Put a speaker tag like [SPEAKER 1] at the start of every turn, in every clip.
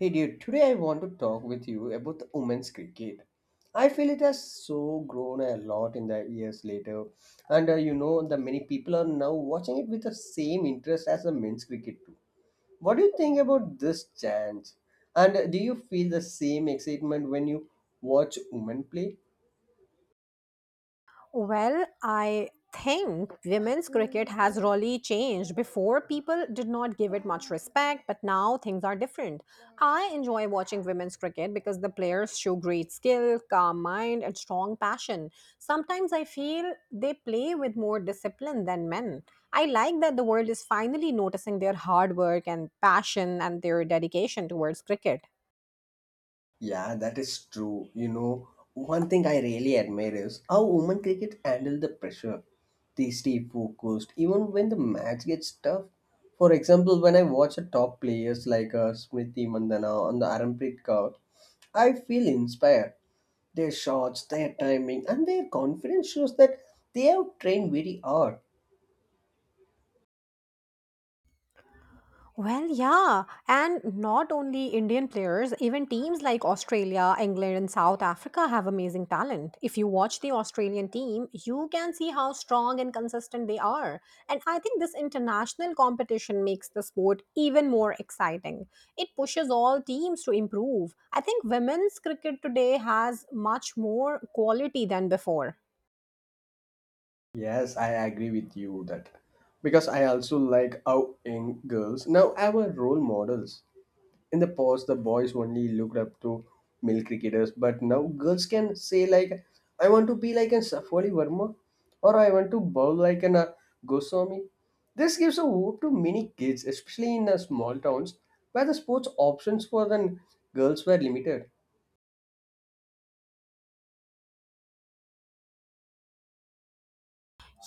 [SPEAKER 1] Hey dude, today I want to talk with you about the women's cricket. I feel it has so grown a lot in the years later, and you know the many people are now watching it with the same interest as the men's cricket too. What do you think about this change? And do you feel the same excitement when you watch women play?
[SPEAKER 2] Well, I think women's cricket has really changed. Before, people did not give it much respect, but now things are different. I enjoy watching women's cricket because the players show great skill, calm mind, and strong passion. Sometimes I feel they play with more discipline than men. I like that the world is finally noticing their hard work and passion and their dedication towards cricket.
[SPEAKER 1] Yeah, that is true. You know, one thing I really admire is how women cricket handle the pressure. They stay focused even when the match gets tough. For example, when I watch the top players like Smriti Mandana on the Arampreet Kaur, I feel inspired. Their shots, their timing, and their confidence shows that they have trained very hard.
[SPEAKER 2] Well, yeah, and not only Indian players, even teams like Australia, England, and South Africa have amazing talent. If you watch the Australian team, you can see how strong and consistent they are. And I think this international competition makes the sport even more exciting. It pushes all teams to improve. I think women's cricket today has much more quality than before.
[SPEAKER 1] Yes, I agree with you that because I also like how young girls now have a role models. In the past the boys only looked up to male cricketers, but now girls can say like I want to be like an Safwali Verma, or I want to bowl like an Goswami. This gives a hope to many kids, especially in small towns where the sports options for the girls were limited.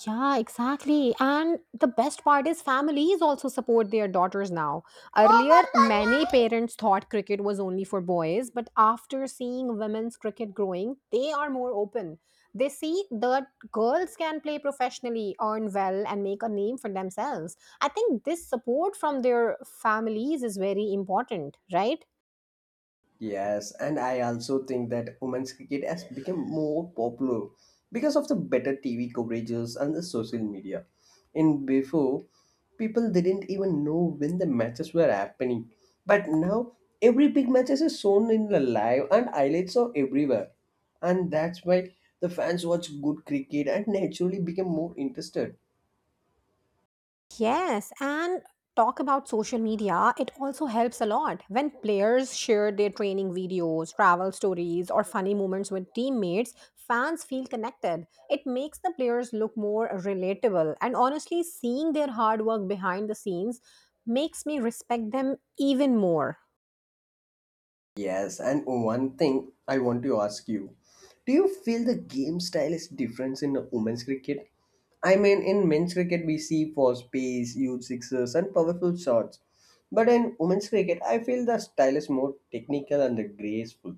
[SPEAKER 2] Yeah, exactly. And the best part is families also support their daughters now. Earlier, many parents thought cricket was only for boys, but after seeing women's cricket growing, they are more open. They see that girls can play professionally, earn well, and make a name for themselves. I think this support from their families is very important, right?
[SPEAKER 1] Yes, and I also think that women's cricket has become more popular because of the better TV coverages and the social media. In before, people didn't even know when the matches were happening, but now every big matches is shown in the live and highlights are everywhere, and that's why the fans watch good cricket and naturally become more interested.
[SPEAKER 2] Yes, and talk about social media, it also helps a lot. When players share their training videos, travel stories, or funny moments with teammates, fans feel connected. It makes the players look more relatable, and honestly, seeing their hard work behind the scenes makes me respect them even more.
[SPEAKER 1] Yes, and one thing I want to ask you. Do you feel the game style is different in the women's cricket? I mean, in men's cricket, we see fast pace, huge sixes, and powerful shots. But in women's cricket, I feel the style is more technical and graceful.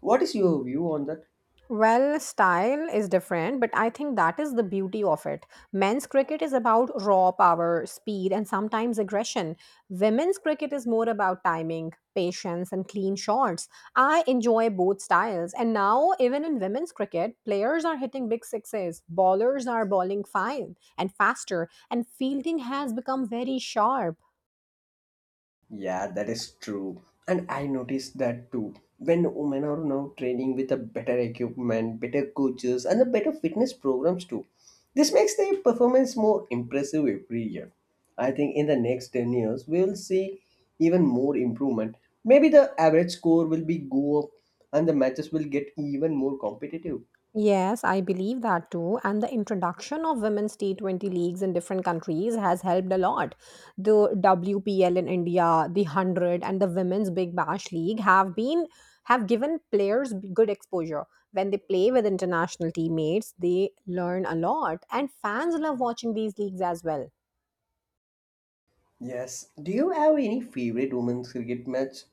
[SPEAKER 1] What is your view on that?
[SPEAKER 2] Well, style is different, but I think that is the beauty of it. Men's cricket is about raw power, speed, and sometimes aggression. Women's cricket is more about timing, patience, and clean shots. I enjoy both styles. And now, even in women's cricket, players are hitting big sixes, bowlers are bowling fine and faster, and fielding has become very sharp.
[SPEAKER 1] Yeah, that is true. And I noticed that too. When women are now training with a better equipment, better coaches, and the better fitness programs too, this makes their performance more impressive every year. I think in the next 10 years, we will see even more improvement. Maybe the average score will be go up and the matches will get even more competitive.
[SPEAKER 2] Yes, I believe that too. And the introduction of women's T20 leagues in different countries has helped a lot. The WPL in India, the 100 and the Women's Big Bash League have given players good exposure. When they play with international teammates, they learn a lot and fans love watching these leagues as well.
[SPEAKER 1] Yes. Do you have any favorite women's cricket match?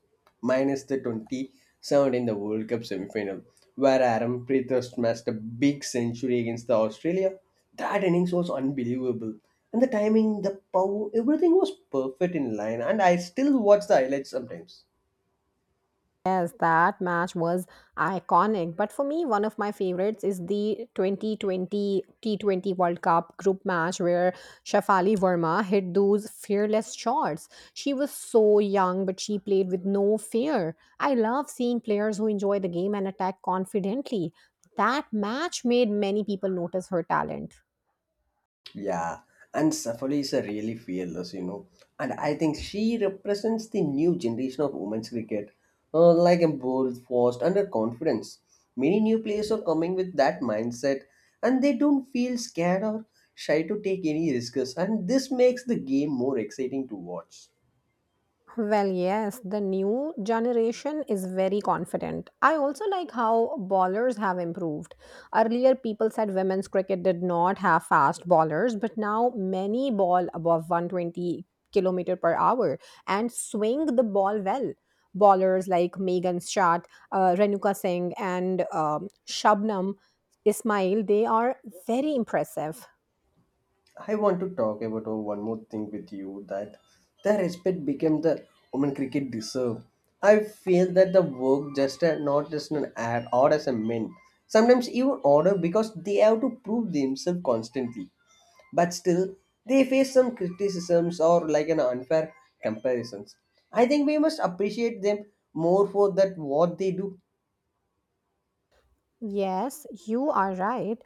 [SPEAKER 1] Minus the 2017 the World Cup semi-final, where Arampreet smashed a big century against the Australia. That innings was unbelievable. And the timing, the power, everything was perfect in line. And I still watch the highlights sometimes.
[SPEAKER 2] Yes, that match was iconic. But for me, one of my favorites is the 2020 T20 World Cup group match where Shafali Verma hit those fearless shots. She was so young, but she played with no fear. I love seeing players who enjoy the game and attack confidently. That match made many people notice her talent.
[SPEAKER 1] Yeah, and Safari is a really fearless, you know. And I think she represents the new generation of women's cricket, like a bold, forced, and her confidence. Many new players are coming with that mindset, and they don't feel scared or shy to take any risks, and this makes the game more exciting to watch.
[SPEAKER 2] Well, yes, the new generation is very confident. I also like how bowlers have improved. Earlier, people said women's cricket did not have fast bowlers, but now many ball above 120 kilometer per hour and swing the ball well. Bowlers like Megan Schatt, Renuka Singh, and Shabnam Ismail, they are very impressive.
[SPEAKER 1] I want to talk about one more thing with you that the respect became the women cricket deserve. I feel that the work just not just an ad or as a men. Sometimes even order because they have to prove themselves constantly. But still they face some criticisms or like an unfair comparisons. I think we must appreciate them more for that what they do.
[SPEAKER 2] Yes, you are right.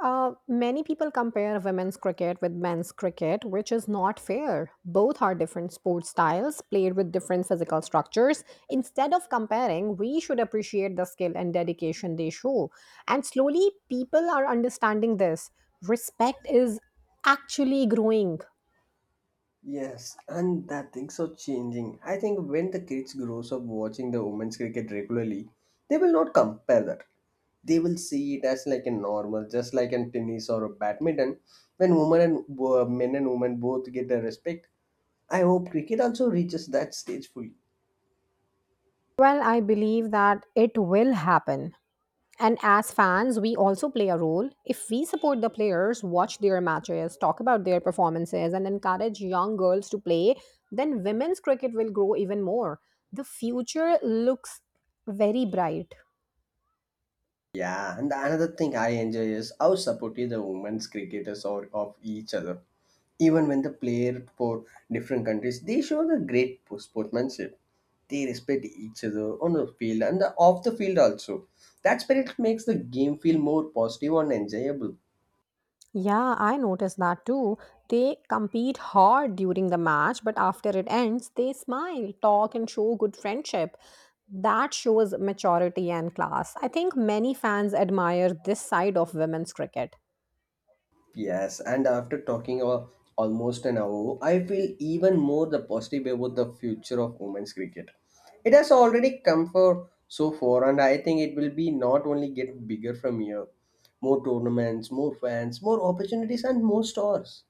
[SPEAKER 2] Many people compare women's cricket with men's cricket, which is not fair. Both are different sport styles played with different physical structures. Instead of comparing, we should appreciate the skill and dedication they show. And slowly, people are understanding this. Respect is actually growing.
[SPEAKER 1] Yes, and that thing's so changing. I think when the kids grows up watching the women's cricket regularly, they will not compare that. They will see it as like a normal, just like in tennis or a badminton. When women and men and women both get the respect, I hope cricket also reaches that stage fully.
[SPEAKER 2] Well, I believe that it will happen. And as fans, we also play a role. If we support the players, watch their matches, talk about their performances, and encourage young girls to play, then women's cricket will grow even more. The future looks very bright.
[SPEAKER 1] Yeah, and the another thing I enjoy is how supportive the women's cricketers are of each other. Even when the player for different countries, they show the great sportsmanship. They respect each other on the field and the, off the field also. That spirit makes the game feel more positive and enjoyable.
[SPEAKER 2] Yeah, I noticed that too. They compete hard during the match, but after it ends, they smile, talk, and show good friendship. That shows maturity and class. I think many fans admire this side of women's cricket.
[SPEAKER 1] Yes, and after talking about almost an hour, I feel even more the positive about the future of women's cricket. It has already come for so far, and I think it will be not only get bigger from here, more tournaments, more fans, more opportunities, and more stars.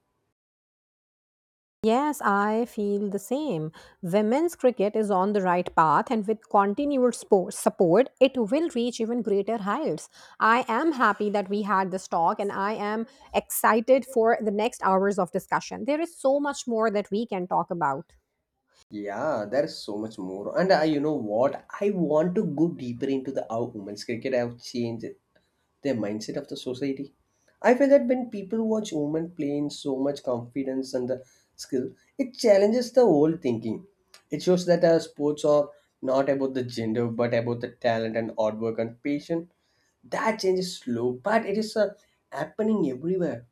[SPEAKER 2] Yes, I feel the same. Women's cricket is on the right path, and with continued support, it will reach even greater heights. I am happy that we had this talk, and I am excited for the next hours of discussion. There is so much more that we can talk about.
[SPEAKER 1] Yeah, there is so much more. And you know what? I want to go deeper into the how women's cricket have changed the mindset of the society. I feel that when people watch women playing so much confidence and the skill, it challenges the whole thinking. It shows that sports are not about the gender but about the talent and hard work and patience. That change is slow, but it is happening everywhere.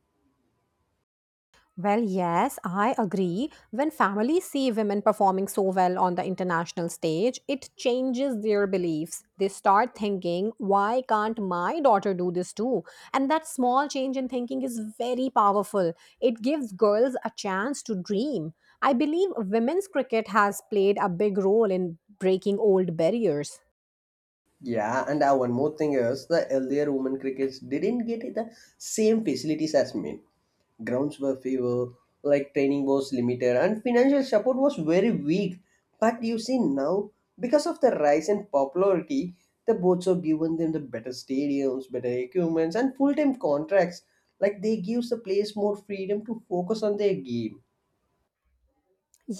[SPEAKER 2] Well, yes, I agree. When families see women performing so well on the international stage, it changes their beliefs. They start thinking, why can't my daughter do this too? And that small change in thinking is very powerful. It gives girls a chance to dream. I believe women's cricket has played a big role in breaking old barriers.
[SPEAKER 1] Yeah, and one more thing is the earlier women crickets didn't get the same facilities as men. Grounds were few, like training was limited, and financial support was very weak. But you see now, because of the rise in popularity, the boards have given them the better stadiums, better equipments, and full-time contracts. Like they gives the players more freedom to focus on their game.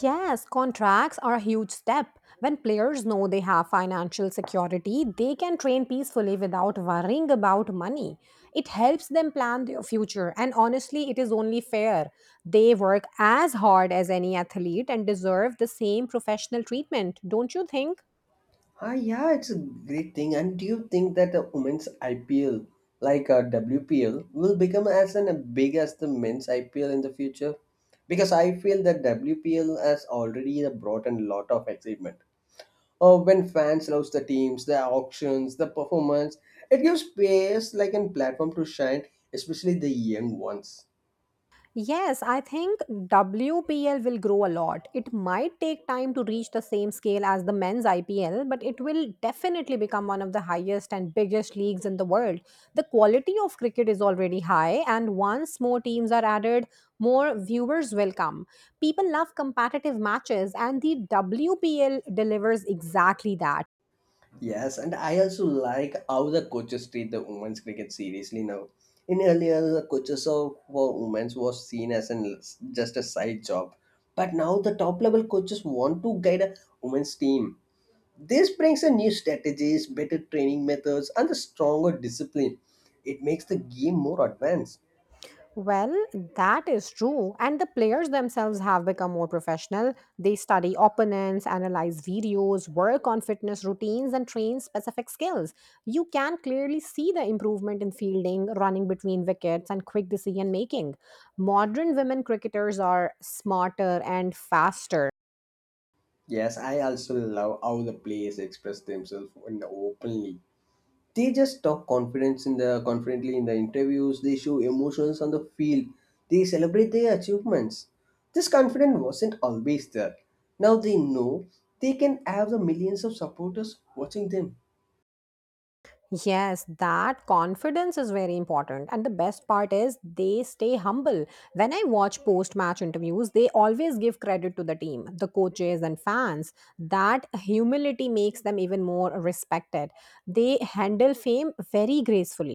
[SPEAKER 2] Yes, contracts are a huge step. When players know they have financial security, they can train peacefully without worrying about money. It helps them plan their future, and honestly, it is only fair. They work as hard as any athlete and deserve the same professional treatment, don't you think?
[SPEAKER 1] Ah, yeah, it's a great thing. And do you think that the women's IPL, like WPL, will become as an, a big as the men's IPL in the future? Because I feel that WPL has already brought in a lot of excitement. Oh, when fans love the teams, the auctions, the performance, it gives players like a platform to shine, especially the young ones.
[SPEAKER 2] Yes, I think WPL will grow a lot. It might take time to reach the same scale as the men's IPL, but it will definitely become one of the highest and biggest leagues in the world. The quality of cricket is already high, and once more teams are added, more viewers will come. People love competitive matches, and the WPL delivers exactly that.
[SPEAKER 1] Yes, and I also like how the coaches treat the women's cricket seriously now. In earlier, the coaches of for women's was seen as an just a side job, but now the top level coaches want to guide a women's team. This brings a new strategies, better training methods, and a stronger discipline. It makes the game more advanced.
[SPEAKER 2] Well, that is true. And the players themselves have become more professional. They study opponents, analyze videos, work on fitness routines, and train specific skills. You can clearly see the improvement in fielding, running between wickets, and quick decision making. Modern women cricketers are smarter and faster.
[SPEAKER 1] Yes, I also love how the players express themselves in openly. They just talk confidence in the confidently in the interviews. They show emotions on the field, they celebrate their achievements. This confidence wasn't always there. Now they know they can have the millions of supporters watching them.
[SPEAKER 2] Yes, that confidence is very important. And the best part is they stay humble. When I watch post match interviews, they always give credit to the team, the coaches, and fans. That humility makes them even more respected. They handle fame very gracefully.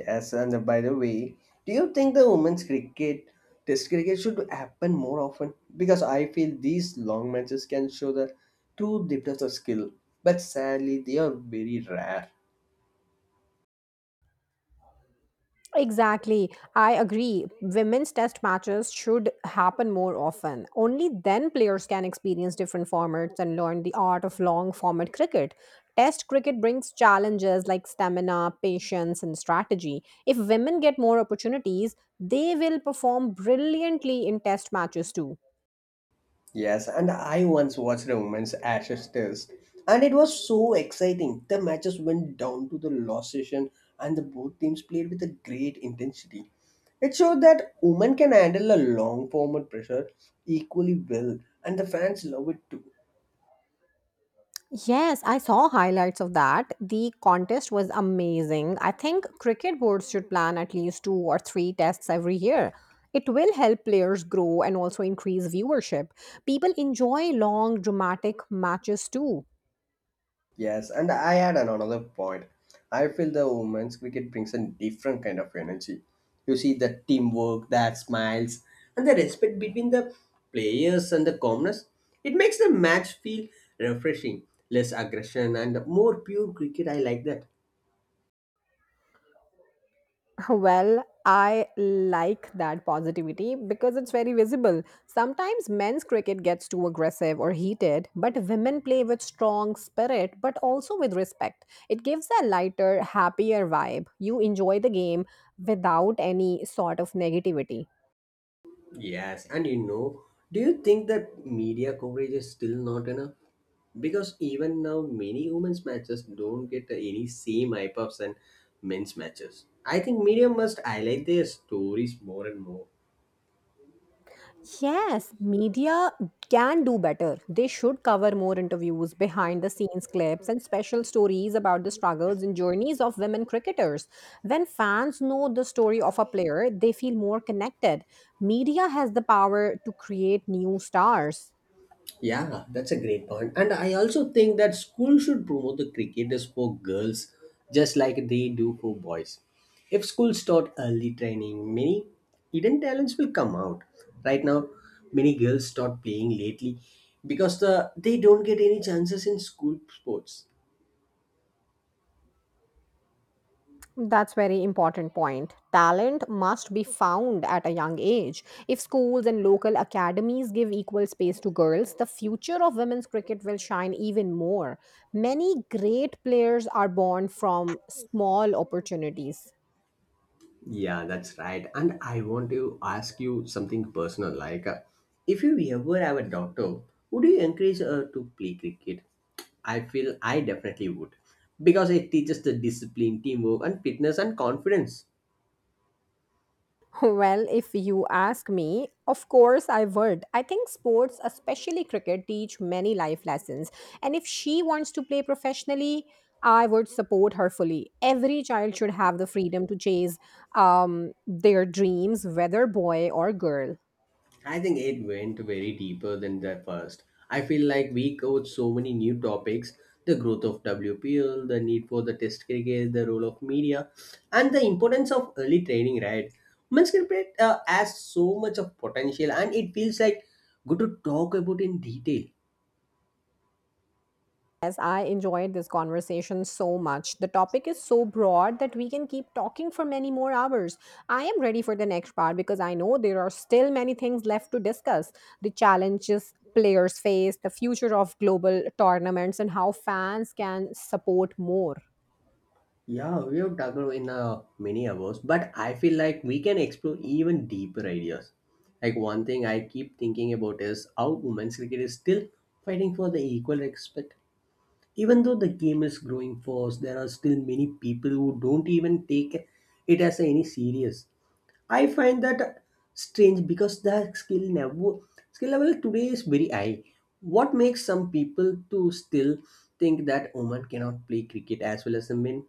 [SPEAKER 1] Yes, and by the way, do you think the women's cricket test cricket should happen more often? Because I feel these long matches can show the true depth of the skill, but sadly they are very rare.
[SPEAKER 2] Exactly. I agree. Women's test matches should happen more often. Only then players can experience different formats and learn the art of long format cricket. Test cricket brings challenges like stamina, patience, and strategy. If women get more opportunities, they will perform brilliantly in test matches too.
[SPEAKER 1] Yes, and I once watched a women's Ashes Test, and it was so exciting. The matches went down to the last session, and the both teams played with a great intensity. It showed that women can handle a long format pressure equally well, and the fans love it too.
[SPEAKER 2] Yes, I saw highlights of that. The contest was amazing. I think cricket boards should plan at least two or three tests every year. It will help players grow and also increase viewership. People enjoy long, dramatic matches too.
[SPEAKER 1] Yes, and I had another point. I feel the women's cricket brings a different kind of energy. You see the teamwork, that smiles, and the respect between the players and the commoners. It makes the match feel refreshing, less aggression, and more pure cricket. I like that.
[SPEAKER 2] Well, I like that positivity because it's very visible. Sometimes men's cricket gets too aggressive or heated, but women play with strong spirit but also with respect. It gives a lighter, happier vibe. You enjoy the game without any sort of negativity.
[SPEAKER 1] Yes, and you know, do you think that media coverage is still not enough? Because even now, many women's matches don't get any same hype ups and men's matches. I think media must highlight their stories more and more.
[SPEAKER 2] Yes, media can do better. They should cover more interviews, behind the scenes clips, and special stories about the struggles and journeys of women cricketers. When fans know the story of a player, they feel more connected. Media has the power to create new stars.
[SPEAKER 1] Yeah, that's a great point. And I also think that school should promote the cricketers for girls just like they do for boys. If schools start early training, many hidden talents will come out. Right now, many girls start playing lately because they don't get any chances in school sports.
[SPEAKER 2] That's very important point. Talent must be found at a young age. If schools and local academies give equal space to girls, the future of women's cricket will shine even more. Many great players are born from small opportunities.
[SPEAKER 1] Yeah, that's right. And I want to ask you something personal. Like, if you ever have a daughter, would you encourage her to play cricket? I feel I definitely would because it teaches the discipline, teamwork, and fitness and confidence.
[SPEAKER 2] Well, if you ask me, of course I would. I think sports, especially cricket, teach many life lessons. And if she wants to play professionally, I would support her fully. Every child should have the freedom to chase their dreams, whether boy or girl.
[SPEAKER 1] I think it went very deeper than the first. I feel like we covered so many new topics, the growth of WPL, the need for the test cricket, the role of media, and the importance of early training, right? Women's cricket has so much of potential, and it feels like good to talk about in detail.
[SPEAKER 2] Yes, I enjoyed this conversation so much. The topic is so broad that we can keep talking for many more hours. I am ready for the next part because I know there are still many things left to discuss the challenges players face, the future of global tournaments, and how fans can support more.
[SPEAKER 1] Yeah, we have talked about in many hours, but I feel like we can explore even deeper ideas. Like one thing I keep thinking about is how women's cricket is still fighting for the equal respect. Even though the game is growing fast, there are still many people who don't even take it as any serious. I find that strange because the skill level today is very high. What makes some people to still think that women cannot play cricket as well as the men?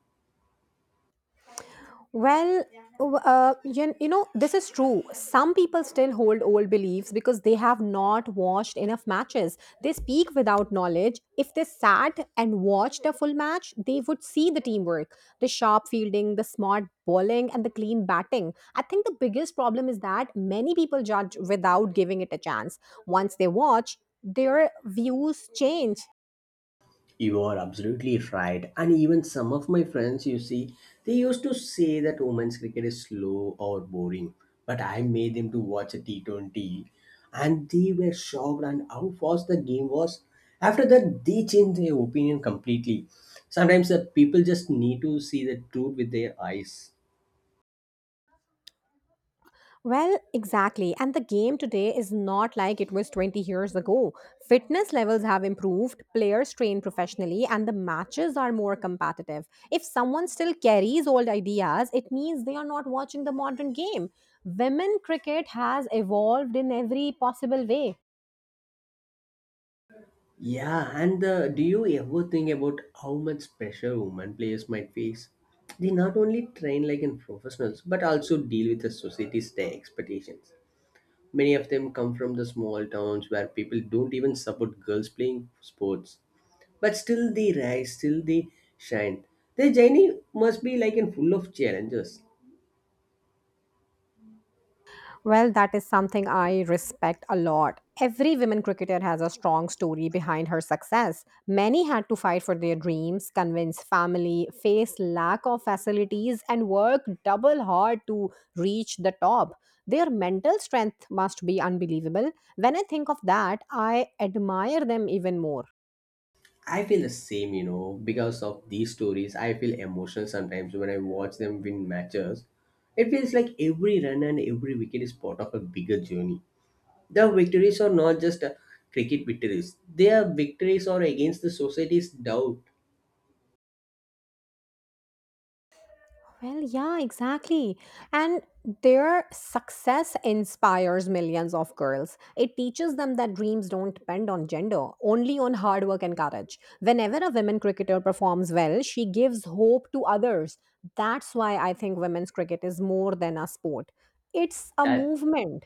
[SPEAKER 2] Well, this is true. Some people still hold old beliefs because they have not watched enough matches. They speak without knowledge. If they sat and watched a full match, they would see the teamwork, the sharp fielding, the smart bowling, and the clean batting. I think the biggest problem is that many people judge without giving it a chance. Once they watch, their views change.
[SPEAKER 1] You are absolutely right. And even some of my friends, you see, they used to say that women's cricket is slow or boring. But I made them to watch a T20 and they were shocked and how fast the game was. After that, they changed their opinion completely. Sometimes the people just need to see the truth with their eyes.
[SPEAKER 2] Well, exactly. And the game today is not like it was 20 years ago. Fitness levels have improved, players train professionally, and the matches are more competitive. If someone still carries old ideas, it means they are not watching the modern game. Women cricket has evolved in every possible way.
[SPEAKER 1] Yeah, and do you ever think about how much pressure women players might face? They not only train like in professionals, but also deal with the society's their expectations. Many of them come from the small towns where people don't even support girls playing sports. But still they rise, still they shine. Their journey must be like in full of challenges.
[SPEAKER 2] Well, that is something I respect a lot. Every women cricketer has a strong story behind her success. Many had to fight for their dreams, convince family, face lack of facilities, and work double hard to reach the top. Their mental strength must be unbelievable. When I think of that, I admire them even more.
[SPEAKER 1] I feel the same, because of these stories. I feel emotional sometimes when I watch them win matches. It feels like every run and every wicket is part of a bigger journey. The victories are not just cricket victories, they are victories or against the society's doubt.
[SPEAKER 2] Well, yeah, exactly. And their success inspires millions of girls. It teaches them that dreams don't depend on gender, only on hard work and courage. Whenever a women cricketer performs well, she gives hope to others. That's why I think women's cricket is more than a sport. It's a
[SPEAKER 1] That
[SPEAKER 2] movement.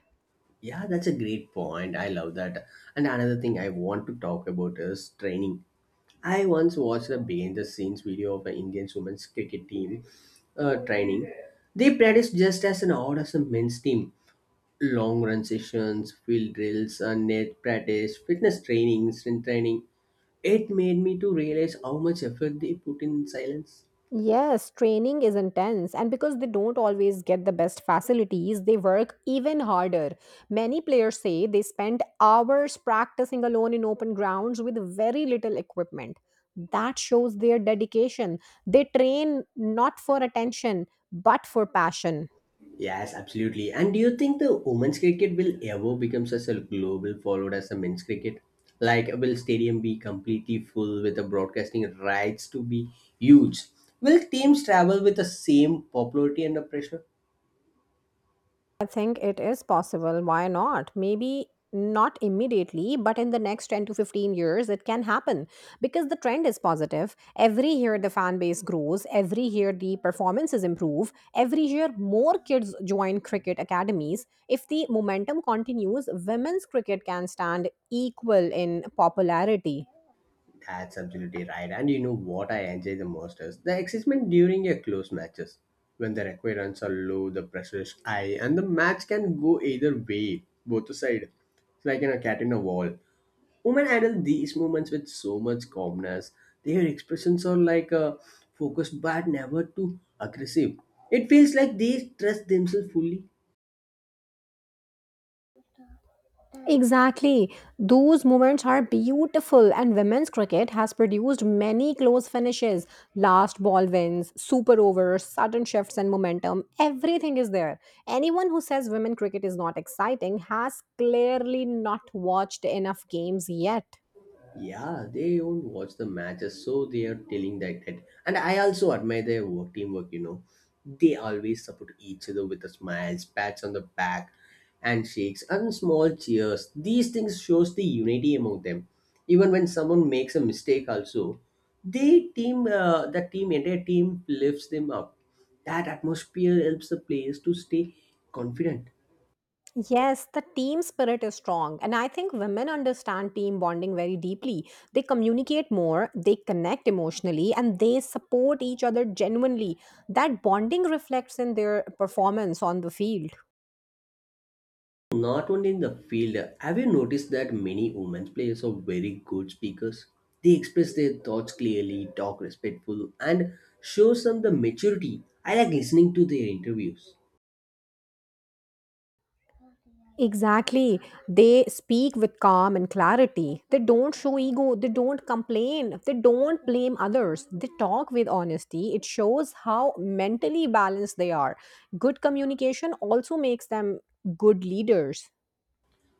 [SPEAKER 1] yeah, that's a great point. I love that. And another thing I want to talk about is training. I once watched a behind the scenes video of an Indian women's cricket team training. They practice just as an odd as a men's team. Long run sessions, field drills, and net practice, fitness training, strength training. It made me to realize how much effort they put in silence.
[SPEAKER 2] Yes, training is intense, and because they don't always get the best facilities, they work even harder. Many players say they spend hours practicing alone in open grounds with very little equipment. That shows their dedication. They train not for attention, but for passion.
[SPEAKER 1] Yes, absolutely. And do you think the women's cricket will ever become such a global followed as the men's cricket? Like, will stadium be completely full with the broadcasting rights to be huge? Will teams travel with the same popularity under pressure?
[SPEAKER 2] I think it is possible. Why not? Maybe not immediately, but in the next 10 to 15 years, it can happen because the trend is positive. Every year, the fan base grows. Every year, the performances improve. Every year, more kids join cricket academies. If the momentum continues, women's cricket can stand equal in popularity.
[SPEAKER 1] That's absolutely right. And you know what I enjoy the most is the excitement during a close matches. When the requirements are low, the pressure is high, and the match can go either way, both side. It's like in a cat in a wall. Women handle these moments with so much calmness. Their expressions are like focused but never too aggressive. It feels like they trust themselves fully.
[SPEAKER 2] Exactly. Those moments are beautiful, and women's cricket has produced many close finishes, last ball wins, super overs, sudden shifts in momentum. Everything is there. Anyone who says women cricket is not exciting has clearly not watched enough games yet.
[SPEAKER 1] Yeah, they don't watch the matches, so they are telling that. And I also admire their work teamwork. You know, they always support each other with the smiles, pats on the back, and shakes and small cheers. These things shows the unity among them. Even when someone makes a mistake, also, the team entire team lifts them up. That atmosphere helps the players to stay confident.
[SPEAKER 2] Yes, the team spirit is strong. And I think women understand team bonding very deeply. They communicate more, they connect emotionally, and they support each other genuinely. That bonding reflects in their performance on the field.
[SPEAKER 1] Not only in the field, have you noticed that many women players are very good speakers? They express their thoughts clearly, talk respectful, and show some the maturity. I like listening to their interviews.
[SPEAKER 2] Exactly. They speak with calm and clarity. They don't show ego. They don't complain. They don't blame others. They talk with honesty. It shows how mentally balanced they are. Good communication also makes them good leaders.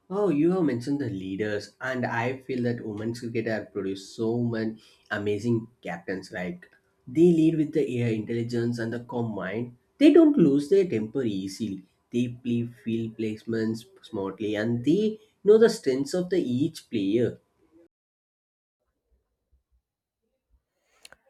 [SPEAKER 1] Oh, you have mentioned the leaders, and I feel that women's cricket have produced so many amazing captains. Like they lead with the air intelligence and the calm mind. They don't lose their temper easily. They play field placements smartly, and they know the strengths of the each player.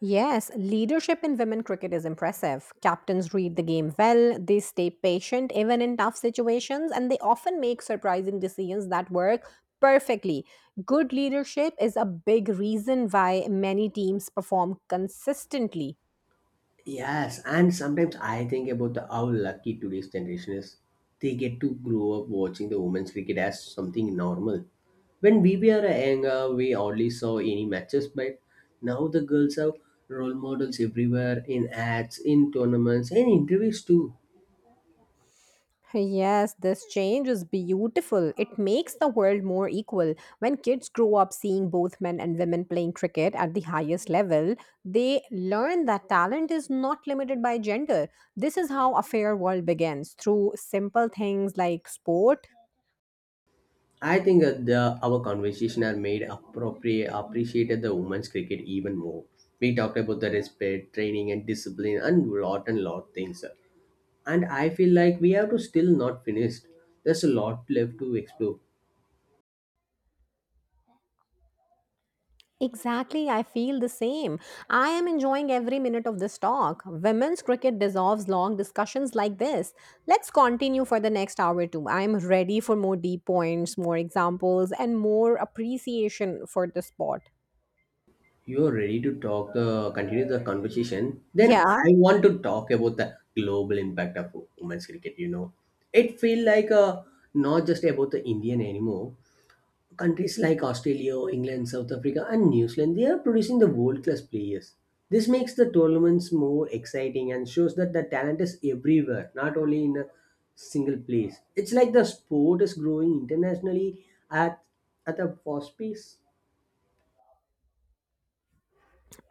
[SPEAKER 2] Yes, leadership in women cricket is impressive. Captains read the game well, they stay patient even in tough situations, and they often make surprising decisions that work perfectly. Good leadership is a big reason why many teams perform consistently.
[SPEAKER 1] Yes, and sometimes I think about how lucky today's generation is. They get to grow up watching the women's cricket as something normal. When we were younger, we only saw any matches, but now the girls have role models everywhere in ads, in tournaments, and interviews too.
[SPEAKER 2] Yes, this change is beautiful. It makes the world more equal. When kids grow up seeing both men and women playing cricket at the highest level, they learn that talent is not limited by gender. This is how a fair world begins through simple things like sport.
[SPEAKER 1] I think that our conversation are made appreciated the women's cricket even more. We talked about the respect, training, and discipline, and lot things. And I feel like we have to still not finished. There's a lot left to explore.
[SPEAKER 2] Exactly, I feel the same. I am enjoying every minute of this talk. Women's cricket deserves long discussions like this. Let's continue for the next hour or two. I'm ready for more deep points, more examples, and more appreciation for the sport.
[SPEAKER 1] You're ready to talk the continue the conversation. Then I
[SPEAKER 2] Yeah.
[SPEAKER 1] want to talk about the global impact of women's cricket. You know, it feel like a not just about the Indian anymore. Countries like Australia, England, South Africa, and New Zealand, they are producing the world class players. This makes the tournaments more exciting and shows that the talent is everywhere, not only in a single place. It's like the sport is growing internationally at a fast pace.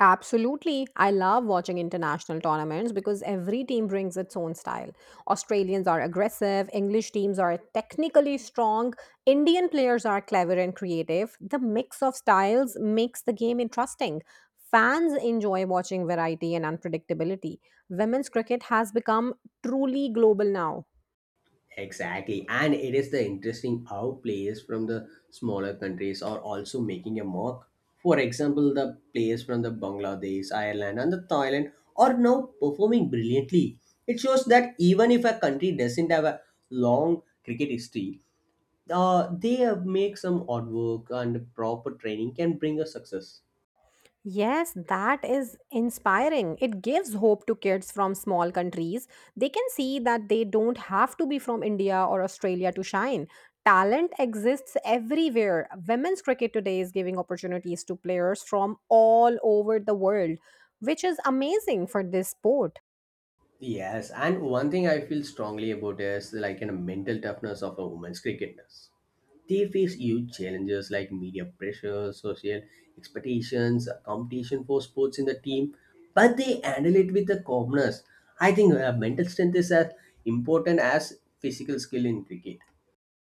[SPEAKER 2] Absolutely. I love watching international tournaments because every team brings its own style. Australians are aggressive, English teams are technically strong, Indian players are clever and creative. The mix of styles makes the game interesting. Fans enjoy watching variety and unpredictability. Women's cricket has become truly global now.
[SPEAKER 1] Exactly. And it is the interesting how players from the smaller countries are also making a mark. For example, the players from the Bangladesh, Ireland and the Thailand are now performing brilliantly. It shows that even if a country doesn't have a long cricket history, they have make some hard work and proper training can bring a success.
[SPEAKER 2] Yes, that is inspiring. It gives hope to kids from small countries. They can see that they don't have to be from India or Australia to shine. Talent exists everywhere. Women's cricket today is giving opportunities to players from all over the world, which is amazing for this sport.
[SPEAKER 1] Yes, and one thing I feel strongly about is like a mental toughness of a women's cricketers. They face huge challenges like media pressure, social expectations, competition for sports in the team, but they handle it with the calmness. I think mental strength is as important as physical skill in cricket.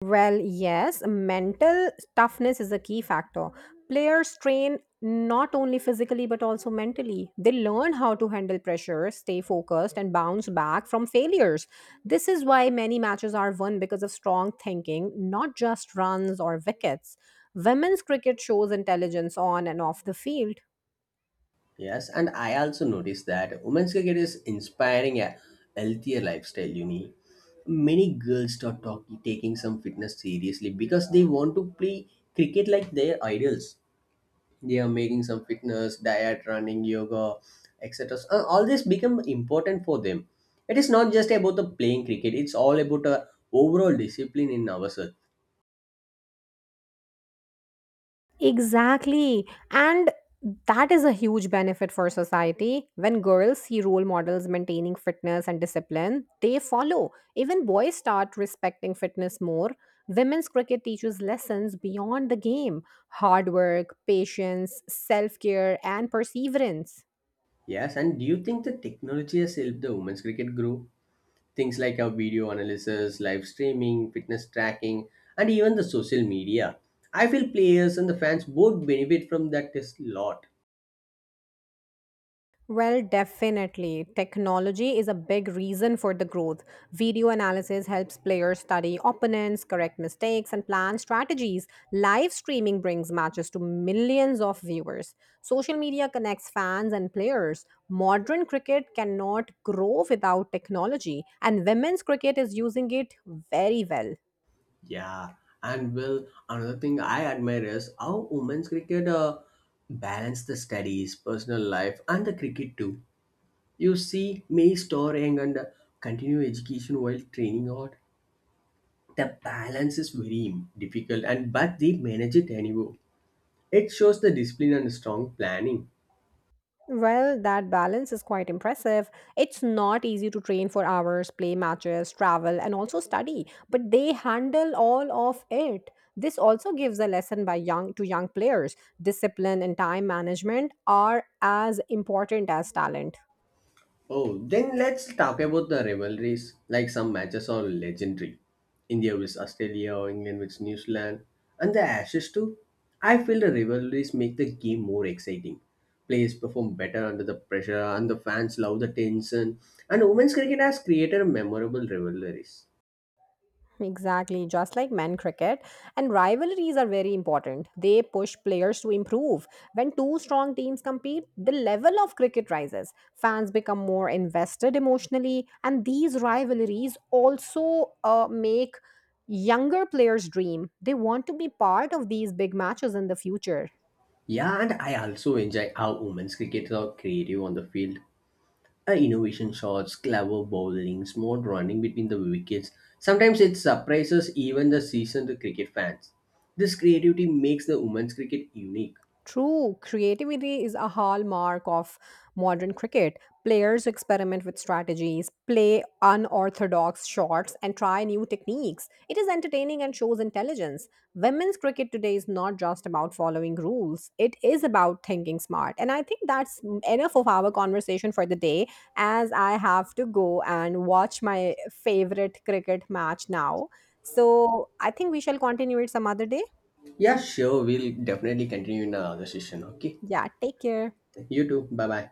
[SPEAKER 2] Well, yes, mental toughness is a key factor. Players train not only physically but also mentally. They learn how to handle pressure, stay focused, and bounce back from failures. This is why many matches are won because of strong thinking, not just runs or wickets. Women's cricket shows intelligence on and off the field.
[SPEAKER 1] Yes, and I also noticed that women's cricket is inspiring a healthier lifestyle, you need many girls start taking some fitness seriously because they want to play cricket like their idols. They are making some fitness diet running yoga etc. All this become important for them. It is not just about the playing cricket, it's all about a overall discipline in ourselves.
[SPEAKER 2] Exactly. And that is a huge benefit for society. When girls see role models maintaining fitness and discipline, they follow. Even boys start respecting fitness more. Women's cricket teaches lessons beyond the game, hard work, patience, self care, and perseverance.
[SPEAKER 1] Yes, and do you think the technology has helped the women's cricket grow? Things like our video analysis, live streaming, fitness tracking, and even the social media. I feel players and the fans both benefit from that a lot.
[SPEAKER 2] Well, definitely. Technology is a big reason for the growth. Video analysis helps players study opponents, correct mistakes, and plan strategies. Live streaming brings matches to millions of viewers. Social media connects fans and players. Modern cricket cannot grow without technology, and women's cricket is using it very well.
[SPEAKER 1] Yeah, and well, another thing I admire is how women's cricket balance the studies, personal life, and the cricket too. You see, May storing and continue education while training out. The balance is very difficult, and but they manage it anyway. It shows the discipline and strong planning.
[SPEAKER 2] Well, that balance is quite impressive. It's not easy to train for hours, play matches, travel, and also study, but they handle all of it. This also gives a lesson by young to young players. Discipline and time management are as important as talent.
[SPEAKER 1] Oh, then let's talk about the rivalries. Like some matches are legendary. India vs Australia, England vs New Zealand, and the Ashes too. I feel the rivalries make the game more exciting. Players perform better under the pressure, and the fans love the tension. And women's cricket has created memorable rivalries.
[SPEAKER 2] Exactly, just like men cricket. And rivalries are very important. They push players to improve. When two strong teams compete, the level of cricket rises. Fans become more invested emotionally. And these rivalries also make younger players dream. They want to be part of these big matches in the future.
[SPEAKER 1] Yeah, and I also enjoy how women's cricketers are creative on the field. Innovation shots, clever bowling, smooth running between the wickets. Sometimes it surprises even the seasoned cricket fans. This creativity makes the women's cricket unique.
[SPEAKER 2] True, creativity is a hallmark of modern cricket. Players experiment with strategies, play unorthodox shots, and try new techniques. It is entertaining and shows intelligence. Women's cricket today is not just about following rules, it is about thinking smart. And I think that's enough of our conversation for the day, as I have to go and watch my favorite cricket match now. So I think we shall continue it some other day.
[SPEAKER 1] Yeah, sure, we'll definitely continue in another session, okay?
[SPEAKER 2] Yeah, take care.
[SPEAKER 1] You too, bye bye.